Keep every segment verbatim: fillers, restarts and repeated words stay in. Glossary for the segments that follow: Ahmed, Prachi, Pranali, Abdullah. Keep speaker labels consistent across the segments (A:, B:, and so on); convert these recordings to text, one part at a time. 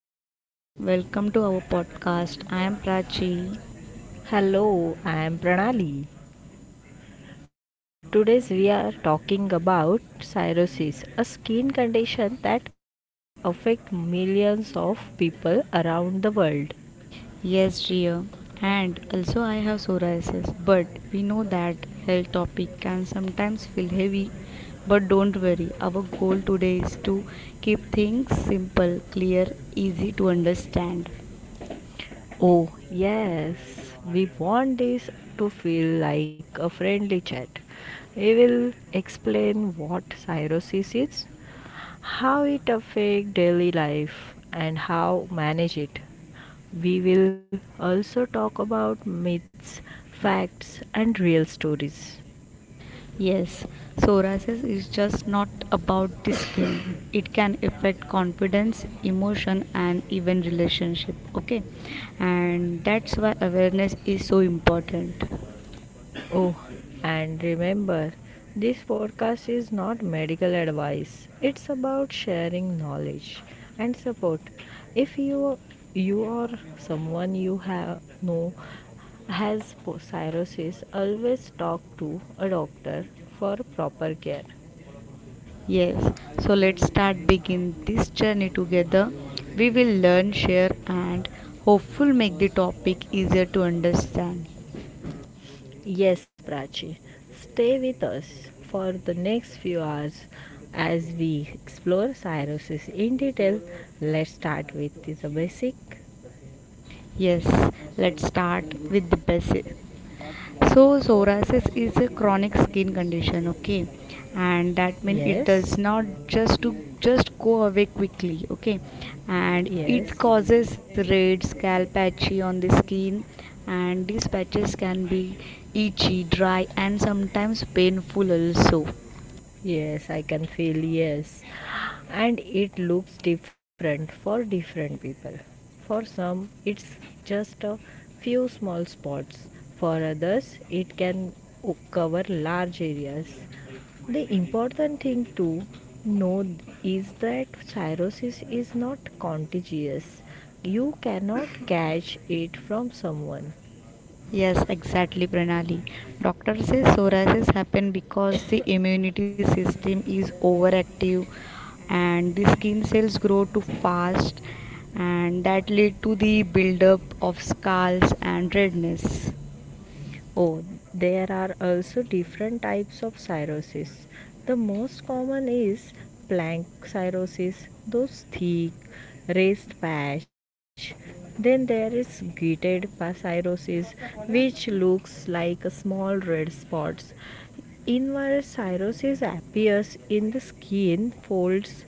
A: hello everyone. Welcome to our podcast. I am Prachi.
B: Hello, I am Pranali. Today we are talking about cirrhosis, a skin condition that affects millions of people around the world.
A: Yes, dear. And also I have psoriasis, but we know that health topic can sometimes feel heavy, but don't worry. Our goal today is to keep things simple, clear, easy to understand.
B: Oh, yes, we want this to feel like a friendly chat. We will explain what cirrhosis is, how it affects daily life, and how manage it. We will also talk about myths, facts, and real stories.
A: Yes, psoriasis is just not about the skin. It can affect confidence, emotion, and even relationship. Okay, and that's why awareness is so important.
B: Oh, and remember, this podcast is not medical advice. It's about sharing knowledge and support. If you you or someone you have know has po- cirrhosis, always talk to a doctor for proper care.
A: Yes, so let's start begin this journey together. We will learn, share, and hopeful make the topic easier to understand.
B: Yes, Prachi, stay with us for the next few hours as we explore cirrhosis in detail. Let's start with the basic.
A: Yes, let's start with the basic. So psoriasis is a chronic skin condition, okay, and that means it
B: Yes.
A: does not just to just go away quickly, okay, and it
B: Yes.
A: causes red scalp patchy on the skin, and these patches can be itchy, dry, and sometimes painful also.
B: Yes, I can feel, yes. And it looks different for different people. For some, it's just a few small spots. For others, it can o- cover large areas. The important thing to know is that cirrhosis is not contagious. You cannot catch it from someone.
A: Yes, exactly, Pranali. Doctor says psoriasis happen because the immunity system is overactive and the skin cells grow too fast, and that lead to the buildup of scars and redness.
B: Oh, there are also different types of cirrhosis. The most common is plank cirrhosis, those thick, raised patch. Then there is gated cirrhosis, which looks like small red spots. Inverse cirrhosis appears in the skin folds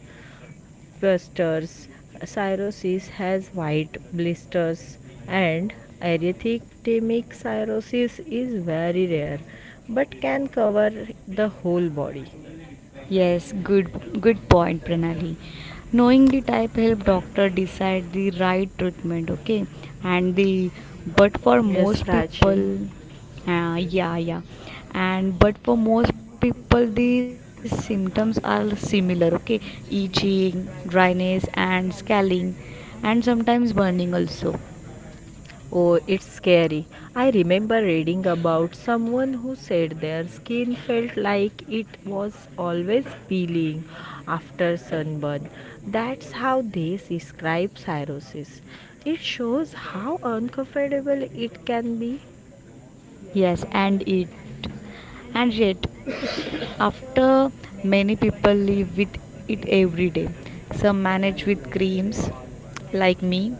B: blisters. Cirrhosis has white blisters, and erythematic cirrhosis is very rare but can cover the whole body.
A: Yes, good good point, Pranali. Knowing the type help doctor decide the right treatment, okay? And the but for
B: Yes,
A: most people,
B: Prachi.
A: uh, yeah, yeah. And but for most people, the symptoms are similar, okay? Itching, dryness, and scaling, and sometimes burning also.
B: Oh, it's scary. I remember reading about someone who said their skin felt like it was always peeling after sunburn. That's how they describe cirrhosis. It shows how uncomfortable it can be.
A: Yes, and it, and yet. After many people live with it every day. Some manage with creams, like me,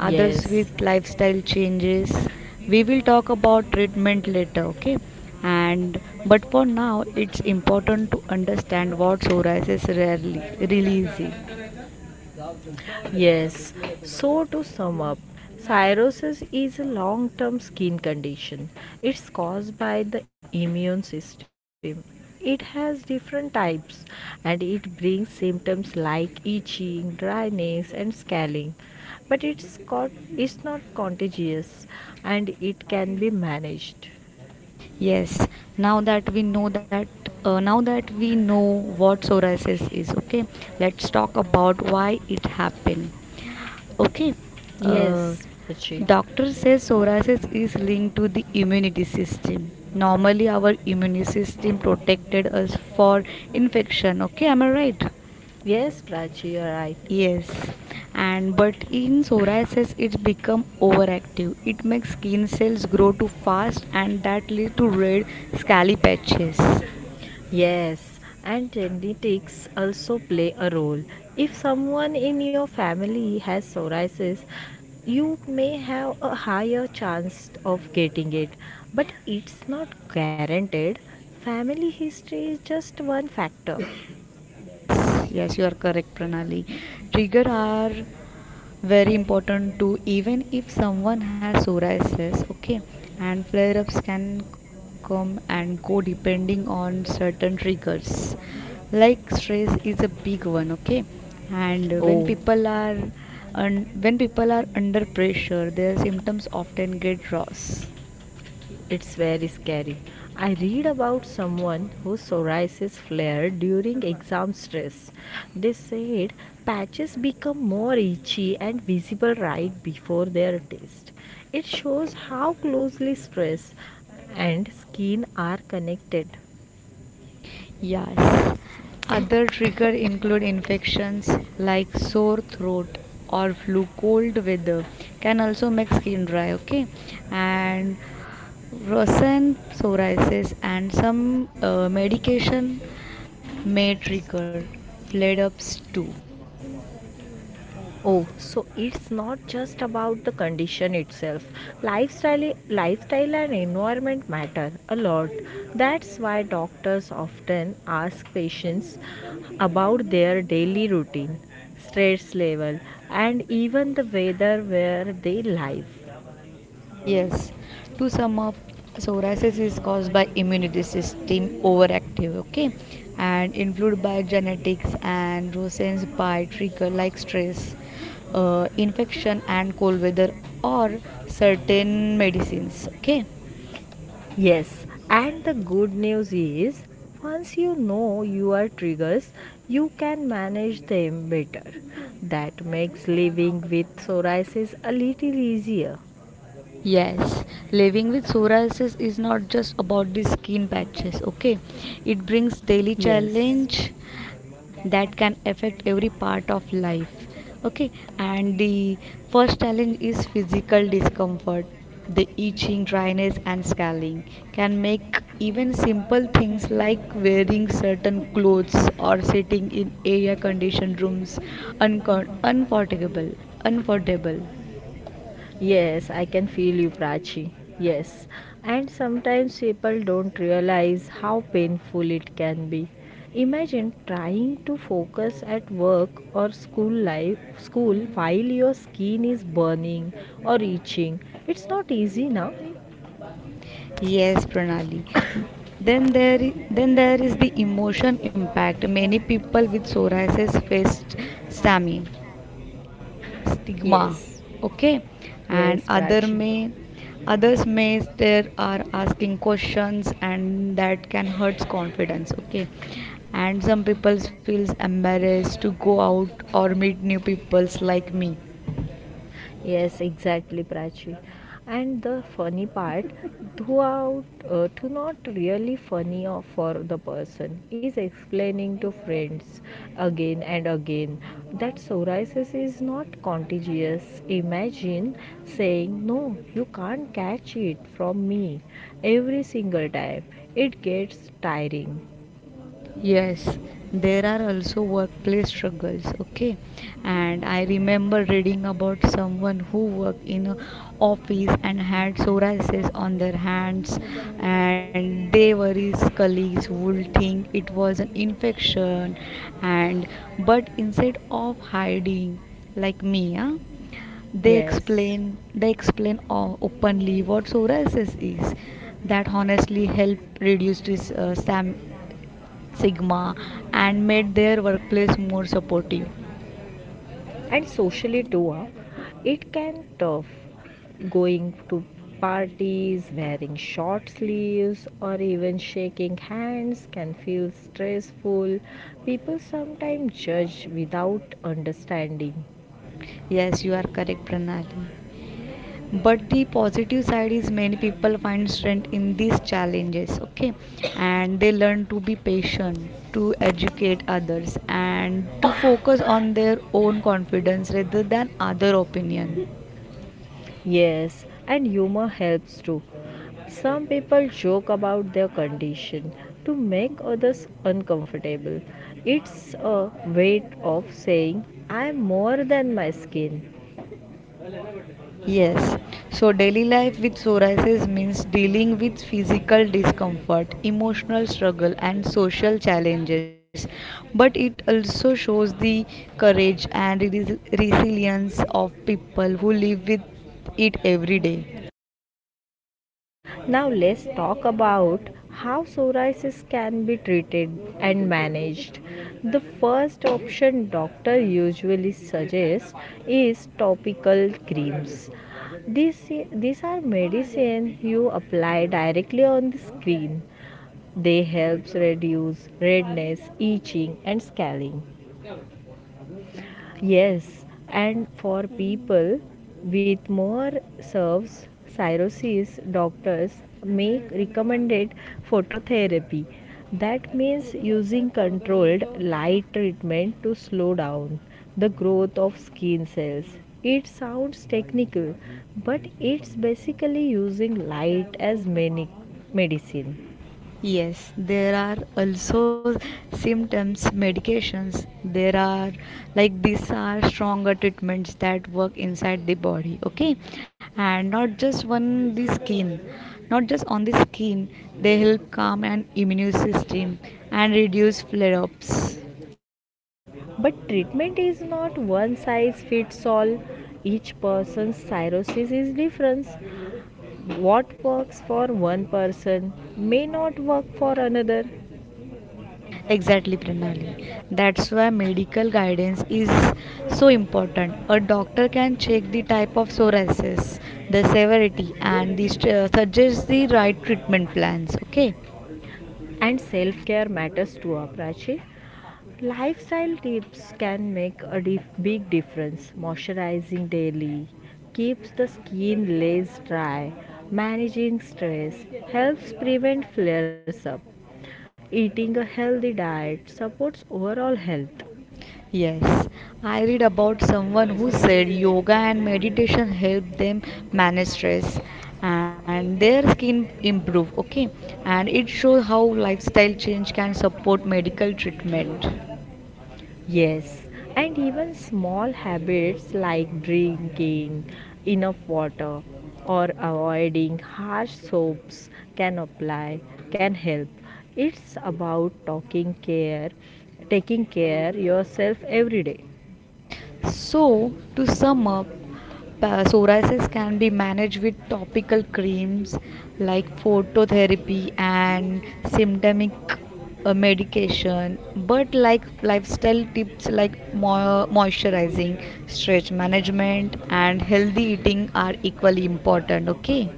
A: others
B: Yes.
A: with lifestyle changes. We will talk about treatment later, okay? And but for now, it's important to understand what psoriasis rarely really is.
B: Yes. So, to sum up, psoriasis is a long term skin condition. It's caused by the immune system. It has different types and it brings symptoms like itching, dryness, and scaling. But it's, got, it's not contagious and it can be managed.
A: Yes, now that we know that, uh, now that we know what psoriasis is, okay, let's talk about why it happened. Okay. Uh,
B: Yes, Prachi.
A: doctor says psoriasis is linked to the immunity system. Normally, our immune system protected us for infection. Okay, am I right?
B: Yes, Prachi, you're right.
A: Yes. And but in psoriasis, it become overactive. It makes skin cells grow too fast, and that lead to red, scaly patches.
B: Yes, and genetics also play a role. If someone in your family has psoriasis, you may have a higher chance of getting it, but it's not guaranteed. Family history is just one factor.
A: Yes, yes, you are correct, Pranali. Trigger are very important too. Even if someone has psoriasis, okay, and flare-ups can come and go depending on certain triggers like stress is a big one, okay, and when
B: Oh,
A: people are un- when people are under pressure, their symptoms often get worse.
B: it's very scary. I read about someone whose psoriasis flared during exam stress. They said patches become more itchy and visible right before their test. It shows how closely stress and skin are connected.
A: Yes. Other trigger include infections like sore throat or flu. Cold weather can also make skin dry. Okay, and rosen, psoriasis and some uh, medication may trigger flare ups too.
B: Oh, so it's not just about the condition itself. Lifestyle, lifestyle and environment matter a lot. That's why doctors often ask patients about their daily routine, stress level, and even the weather where they live.
A: Yes, to sum up, psoriasis is caused by immunity system overactive, okay, and influenced by genetics and rosen's by trigger like stress, uh, infection, and cold weather or certain medicines, okay.
B: Yes, and the good news is once you know your triggers, you can manage them better. That makes living with psoriasis a little easier.
A: Yes, living with psoriasis is not just about the skin patches, okay? It brings daily
B: Yes.
A: challenge that can affect every part of life. Okay? And the first challenge is physical discomfort. The itching, dryness and scaling can make even simple things like wearing certain clothes or sitting in air conditioned rooms uncom- uncomfortable, uncomfortable.
B: Yes, I can feel you, Prachi. Yes. And sometimes people don't realize how painful it can be. Imagine trying to focus at work or school life school while your skin is burning or itching. It's not easy now.
A: Yes, Pranali. Then there, i- then there is the emotion impact. Many people with psoriasis face stamina, stigma,
B: Yes.
A: okay, and
B: Yes,
A: other
B: Prachi.
A: may, others may there are asking questions, and that can hurt confidence, okay, and some people feels embarrassed to go out or meet new peoples like me.
B: Yes, exactly, Prachi. And the funny part, throughout, uh, to not really funny or for the person, is explaining to friends again and again that psoriasis is not contagious. Imagine saying, "No, you can't catch it from me" every single time. It gets tiring.
A: Yes, there are also workplace struggles, okay? And I remember reading about someone who worked in a office and had psoriasis on their hands, and they were his colleagues would think it was an infection, and but instead of hiding like me, huh? they
B: Yes,
A: explain they explain o- openly what psoriasis is, that honestly help reduce this uh, stam- Sigma and made their workplace more supportive.
B: and socially too, uh, it can tough going to parties, wearing short sleeves or even shaking hands can feel stressful. People sometimes judge without understanding.
A: Yes, you are correct, Pranali. But the positive side is many people find strength in these challenges, okay? And they learn to be patient, to educate others, and to focus on their own confidence rather than other opinion.
B: Yes, and humor helps too. Some people joke about their condition to make others uncomfortable. It's a way of saying, "I'm more than my skin."
A: Yes, so daily life with psoriasis means dealing with physical discomfort, emotional struggle, and social challenges. But it also shows the courage and res- resilience of people who live with it every day.
B: Now let's talk about how psoriasis can be treated and managed. The first option doctor usually suggests is topical creams. These, these are medicine you apply directly on the skin. They helps reduce redness, itching and scaling. Yes, and for people with more serves, cirrhosis doctors make recommended phototherapy. That means using controlled light treatment to slow down the growth of skin cells. It sounds technical, but it's basically using light as many medicine.
A: Yes, there are also symptoms, medications. There are like these are stronger treatments that work inside the body, okay? And not just on the skin, not just on the skin, they help calm an immune system and reduce flare ups.
B: But treatment is not one size fits all. Each person's cirrhosis is different. What works for one person may not work for another,
A: Exactly, Pranali. That's why medical guidance is so important. A doctor can check the type of psoriasis, the severity, and the st- uh, suggest the right treatment plans. Okay.
B: and self care matters too, Prachi. Lifestyle tips can make a dif- big difference. Moisturizing daily keeps the skin less dry, managing stress helps prevent flares up. Eating a healthy diet supports overall health.
A: Yes, I read about someone who said yoga and meditation help them manage stress and their skin improve. Okay, and it shows how lifestyle change can support medical treatment.
B: Yes, and even small habits like drinking enough water or avoiding harsh soaps can apply can help. It's about talking care, taking care yourself every day.
A: So, to sum up, pa- psoriasis can be managed with topical creams like phototherapy and symptomatic uh, medication, but like lifestyle tips like mo- moisturizing, stress management, and healthy eating are equally important. Okay.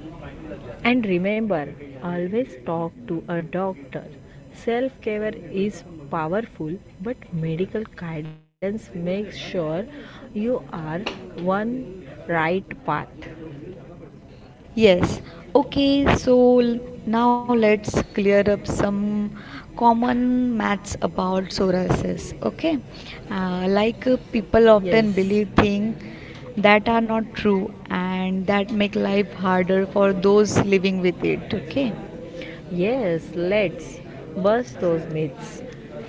B: And remember, always talk to a doctor. Self-care is powerful, but medical guidance makes sure you are one right path.
A: Yes. Okay, so l- now let's clear up some common myths about psoriasis. Okay. Uh, like uh, people
B: Yes.
A: often believe things that are not true and that make life harder for those living with it. Okay.
B: Yes, let's bust those myths.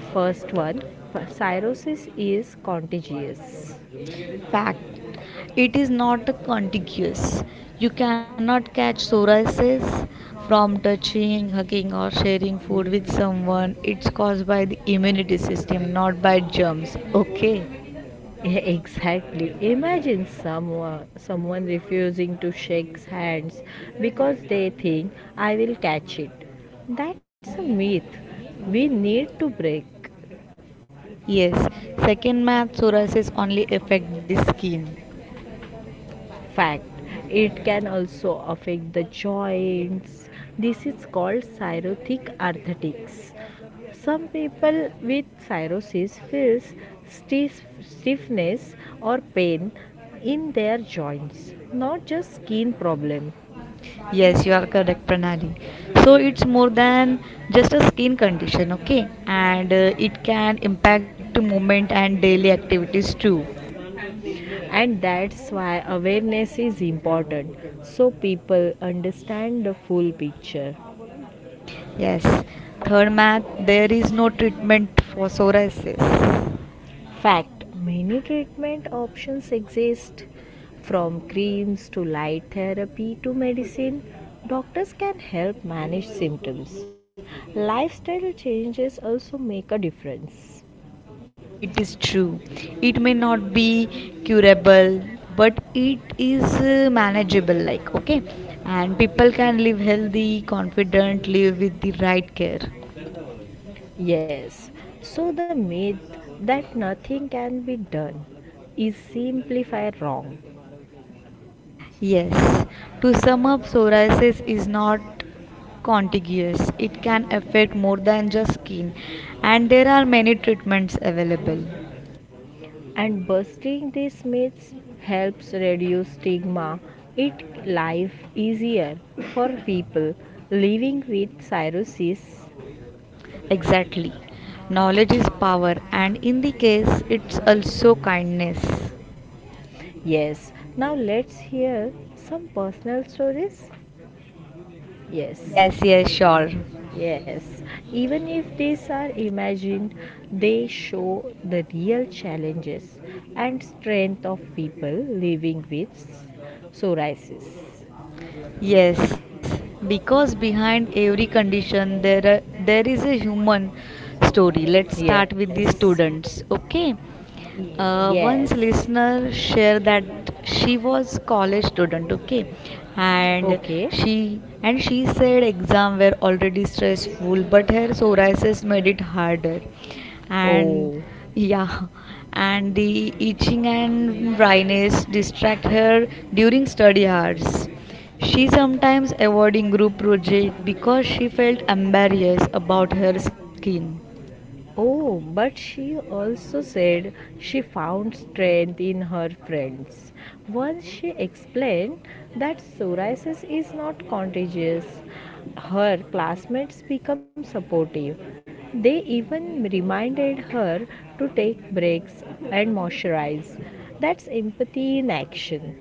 B: First one, p- cirrhosis is contagious.
A: Fact, it is not contiguous. You cannot catch psoriasis from touching, hugging, or sharing food with someone. It's caused by the immunity system, not by germs. Okay.
B: Exactly. Imagine someone someone refusing to shake hands because they think I will catch it. That's a myth we need to break.
A: Yes. Second math, psoriasis only affect the skin.
B: Fact, it can also affect the joints. This is called cirrhotic arthritis. Some people with cirrhosis feels stiff, stiffness or pain in their joints, not just skin problem.
A: Yes, you are correct, Pranali. So it's more than just a skin condition, okay? And uh, it can impact movement and daily activities too.
B: And that's why awareness is important, so people understand the full picture.
A: Yes. Third math, there is no treatment for psoriasis.
B: Fact, many treatment options exist, from creams to light therapy to medicine. Doctors can help manage symptoms. Lifestyle changes also make a difference.
A: It is true. It may not be curable, but it is uh, manageable, like, okay? And people can live healthy, confident, live with the right care.
B: Yes, so the myth that nothing can be done is simply far wrong,
A: Yes. To sum up, psoriasis is not contiguous. It can affect more than just skin, and there are many treatments available.
B: and busting these myths helps reduce stigma. It life easier for people living with cirrhosis.
A: Exactly. Knowledge is power, and in the case, it's also kindness.
B: Yes. Now let's hear some personal stories. Yes.
A: Yes, yes, sure.
B: Yes. Even if these are imagined, they show the real challenges and strength of people living with psoriasis.
A: Yes, because behind every condition there are, there is a human story. Let's start
B: Yes.
A: with the students. Okay, Uh,
B: Y-
A: once listener shared that she was college student, okay, and she and she said exam were already stressful, but her psoriasis made it harder, and yeah, and the itching and dryness distract her during study hours. She sometimes avoiding group project because she felt embarrassed about her skin.
B: Oh, but she also said she found strength in her friends. Once she explained that psoriasis is not contagious, her classmates become supportive. They even reminded her to take breaks and moisturize. That's empathy in action.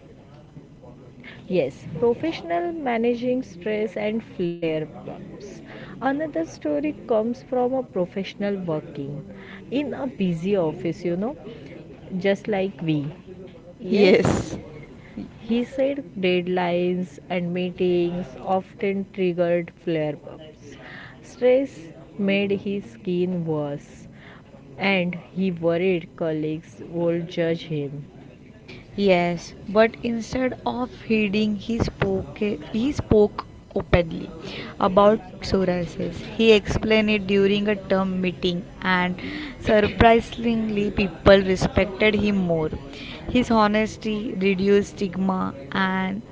B: Yes, professional managing stress and flare ups. Another story comes from a professional working in a busy office, you know, just like we. Yes,
A: Yes.
B: he said deadlines and meetings often triggered flare ups. Stress made his skin worse, and he worried colleagues would judge him.
A: Yes, but instead of hiding, he spoke he spoke openly about psoriasis. He explained it during a term meeting, and surprisingly, people respected him more. His honesty reduced stigma and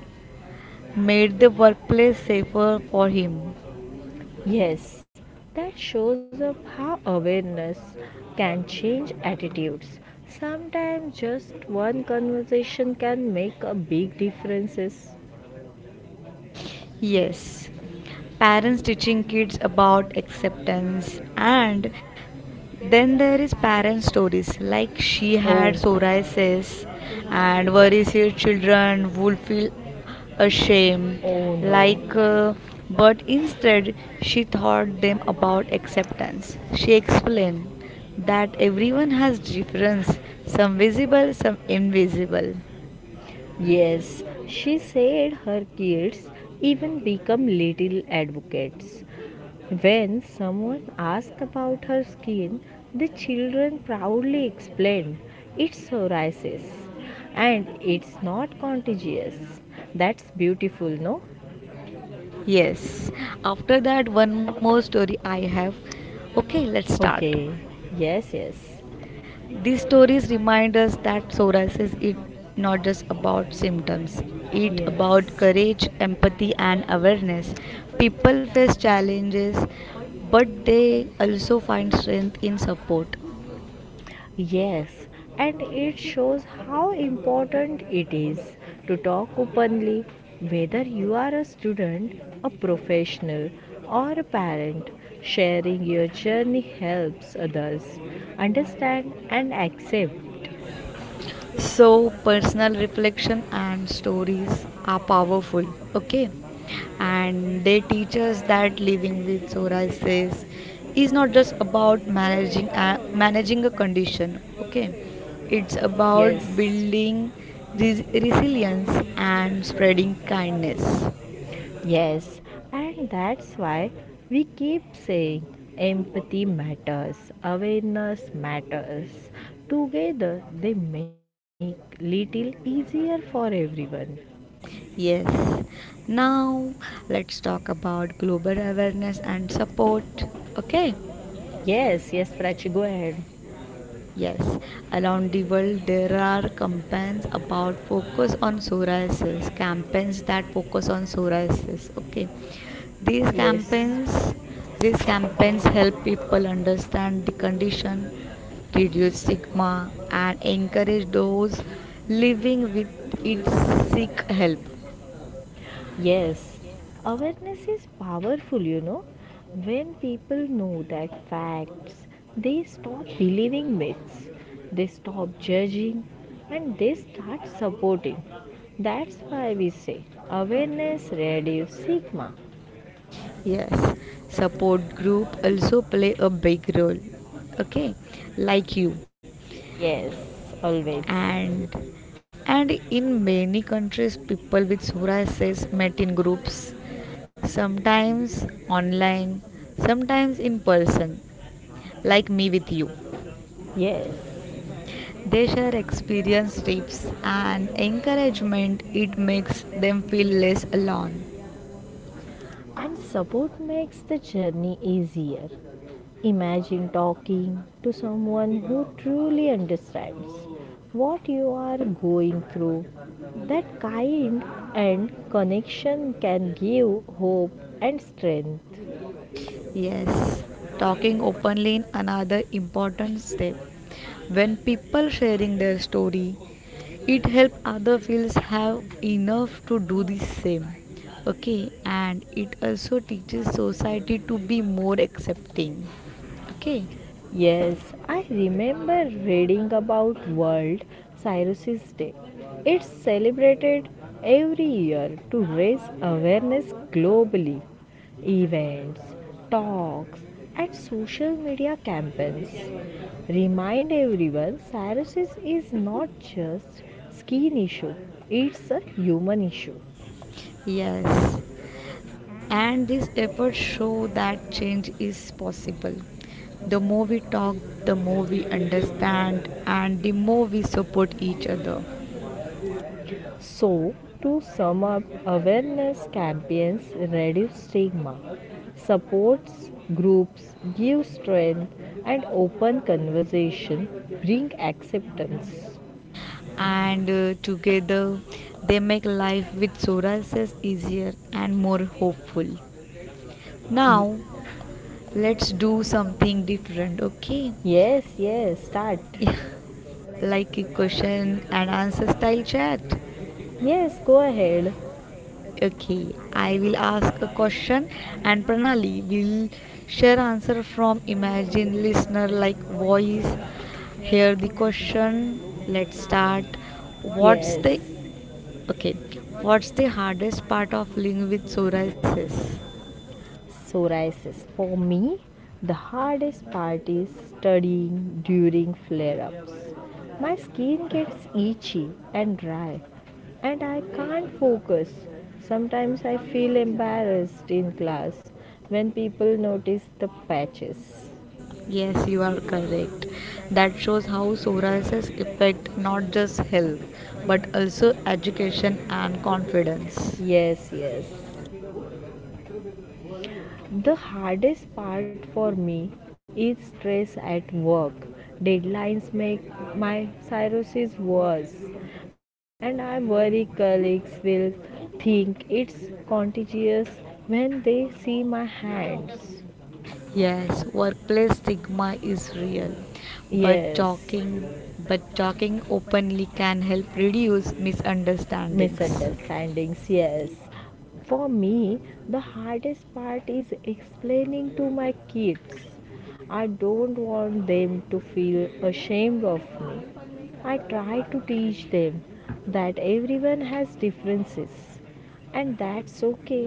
A: made the workplace safer for him.
B: Yes, that shows up how awareness can change attitudes. Sometimes just one conversation can make a big difference.
A: Yes, parents teaching kids about acceptance, and then there is parent stories like she had psoriasis, and worries her children would feel ashamed. Like, uh, but instead she taught them about acceptance. She explained that everyone has difference, some visible, some invisible.
B: Yes, she said her kids even become little advocates. When someone asks about her skin, the children proudly explain it's psoriasis and it's not contagious. That's beautiful, no?
A: Yes. After that, one more story I have. Okay, let's start.
B: Okay, yes, yes,
A: These stories remind us that psoriasis is not just about symptoms. It about
B: yes.
A: courage, empathy, and awareness. People face challenges, but they also find strength in support.
B: Yes, and it shows how important it is to talk openly, whether you are a student, a professional, or a parent. Sharing your journey helps others understand and accept.
A: So, personal reflection and stories are powerful, okay? And they teach us that living with Sora is not just about managing a, managing a condition, okay? It's about
B: Yes.
A: building res- resilience and spreading kindness.
B: Yes, and that's why we keep saying empathy matters, awareness matters. Together, they make little easier for everyone.
A: Yes. Now, let's talk about global awareness and support, okay?
B: Yes, yes, Prachi, go ahead.
A: Yes, around the world there are campaigns about focus on psoriasis, campaigns that focus on psoriasis. Okay, these
B: Yes.
A: campaigns these campaigns help people understand the condition, reduce stigma, and encourage those living with it seek help.
B: Yes, awareness is powerful, you know. When people know that facts, they stop believing myths, they stop judging, and they start supporting. That's why we say awareness reduces stigma.
A: Yes, support group also play a big role. Okay, like you.
B: Yes, always.
A: and and in many countries people with psoriasis met in groups, sometimes online, sometimes in person, like me with you.
B: Yes.
A: They share experience, tips and encouragement. It makes them feel less alone.
B: And support makes the journey easier. Imagine talking to someone who truly understands what you are going through. That kind and connection can give hope and strength.
A: Yes, talking openly in another important step. When people sharing their story, it help other feels have enough to do the same. Okay, and it also teaches society to be more accepting. Okay,
B: Yes, I remember reading about World Cirrhosis Day. It's celebrated every year to raise awareness globally. Events, talks, and social media campaigns remind everyone cirrhosis is not just skin issue, it's a human issue.
A: yes, and these efforts show that change is possible. The more we talk, the more we understand, and the more we support each other.
B: So, to sum up, awareness campaigns reduce stigma, supports groups, give strength, and open conversation bring acceptance.
A: And uh, together they make life with Sora easier and more hopeful.
B: Y-
A: Now let's do something different, okay?
B: yes, yes, start.
A: Yeah, like a question and answer style chat.
B: Yes, go ahead.
A: Okay, I will ask a question and Pranali will share answer from imagine listener like voice. Here the question. Let's start. What's
B: Yes.
A: the Okay, what's the hardest part of living with psoriasis?
B: Psoriasis. For me, the hardest part is studying during flare ups. My skin gets itchy and dry, and I can't focus. Sometimes I feel embarrassed in class when people notice the patches.
A: Yes, you are correct. That shows how psoriasis affect not just health but also education and confidence.
B: Yes, yes. The hardest part for me is stress at work. Deadlines make my cirrhosis worse, and I worry colleagues will think it's contagious when they see my hands.
A: Yes, workplace stigma is real, but
B: Yes,
A: talking but talking openly can help reduce misunderstandings.
B: misunderstandings. Yes, for me, the hardest part is explaining to my kids. I don't want them to feel ashamed of me. I try to teach them that everyone has differences, and that's okay.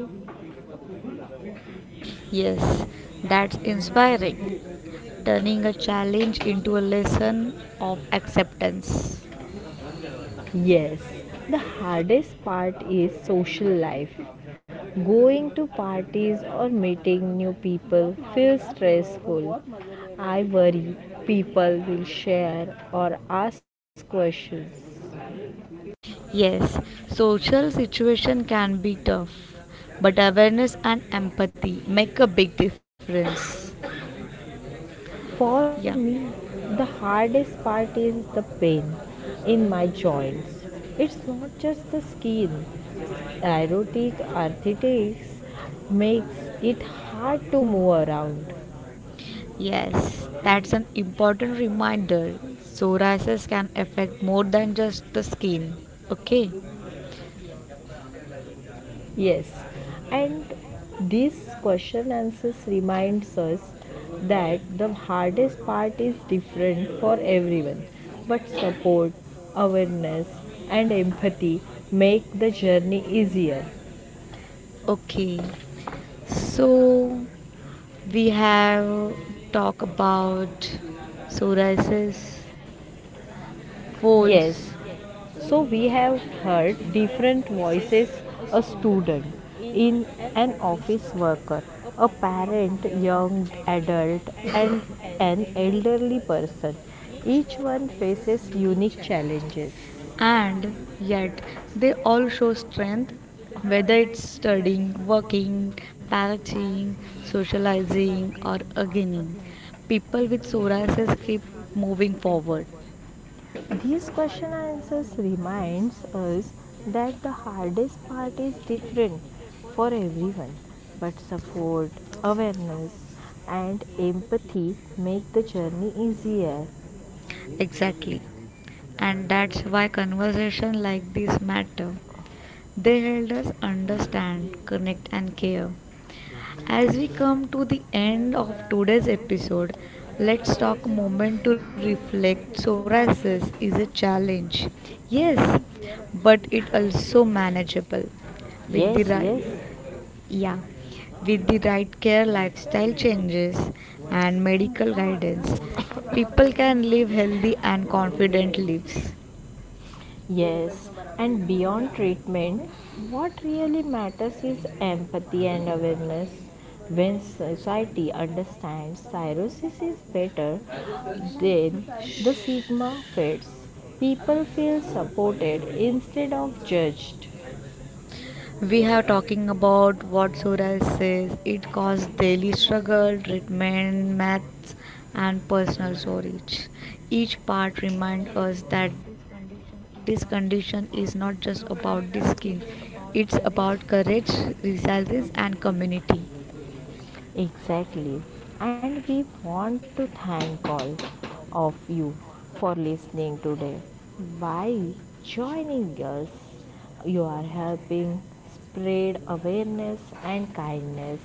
A: Yes, that's inspiring. Turning a challenge into a lesson of acceptance.
B: Yes, the hardest part is social life. Going to parties or meeting new people feels stressful. I worry people will share or ask questions.
A: Yes, social situation can be tough, but awareness and empathy make a big difference.
B: For
A: Yeah.
B: me, the hardest part is the pain in my joints. It's not just the skin. Erotic arthritis makes it hard to move around.
A: Yes, that's an important reminder. Psoriasis can affect more than just the skin. Okay.
B: Yes, and this question answers reminds us that the hardest part is different for everyone, but support, awareness, and empathy make the journey easier.
A: Okay. So we have talk about psoriasis, folds,
B: Yes, so we have heard different voices, a student, in an office worker, a parent, young adult, and an elderly person. Each one faces unique challenges.
A: and yet they all show strength whether it's studying, working, parenting, socializing, or gardening, people with psoriasis keep moving forward.
B: These question and answers reminds us that the hardest part is different for everyone, but support, awareness, and empathy make the journey easier.
A: Exactly. And that's why conversation like this matter. They help us understand, connect and care. As we come to the end of today's episode, let's talk a moment to reflect. Psoriasis is a challenge. Yes, but it also manageable with
B: Yes,
A: the
B: yes.
A: right yeah, with the right care, lifestyle changes, and medical guidance, people can live healthy and confident lives.
B: Yes, and beyond treatment, what really matters is empathy and awareness. When society understands cirrhosis is better, then the stigma fades. People feel supported instead of judged.
A: We are talking about what Suraj says it caused daily struggle, treatment, maths, and personal storage. Each part reminds us that this condition is not just about the skin, it's about courage, resilience, and community.
B: Exactly. And we want to thank all of you for listening today. By joining us, you are helping spread awareness and kindness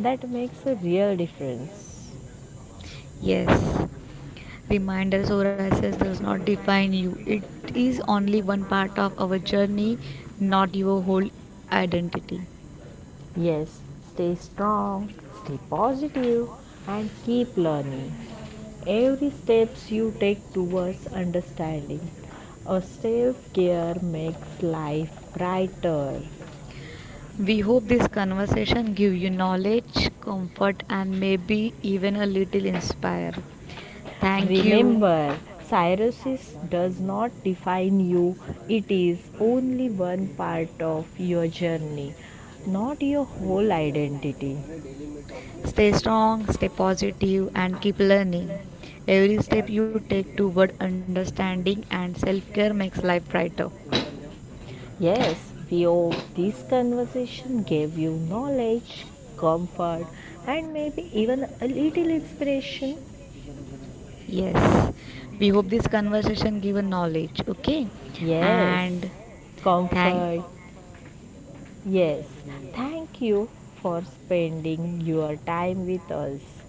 B: that makes a real difference.
A: Yes, reminders or access does not define you. It is only one part of our journey, not your whole identity.
B: Yes, stay strong, stay positive, and keep learning. Every steps you take towards understanding a self care makes life brighter.
A: We hope this conversation give you knowledge, comfort and maybe even a little inspire. Thank you.
B: Remember, cirrhosis does not define you, it is only one part of your journey, not your whole identity.
A: Stay strong, stay positive and keep learning. Every step you take toward understanding and self-care makes life brighter.
B: Yes, we hope this conversation gave you knowledge, comfort, and maybe even a little inspiration.
A: Yes. We hope this conversation given knowledge, okay?
B: Yes,
A: And thank
B: comfort. Yes, thank you for spending your time with us.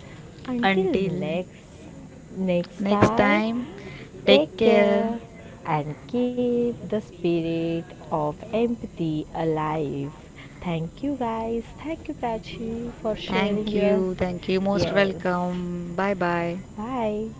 B: Until
A: until
B: next next
A: next
B: time,
A: time.
B: take
A: Take care.
B: care and keep the spirit of empathy alive. Thank you guys. Thank you Prachi for sharing
A: Thank
B: your
A: you. Thank you. Most
B: yes.
A: welcome. Bye bye.
B: Bye.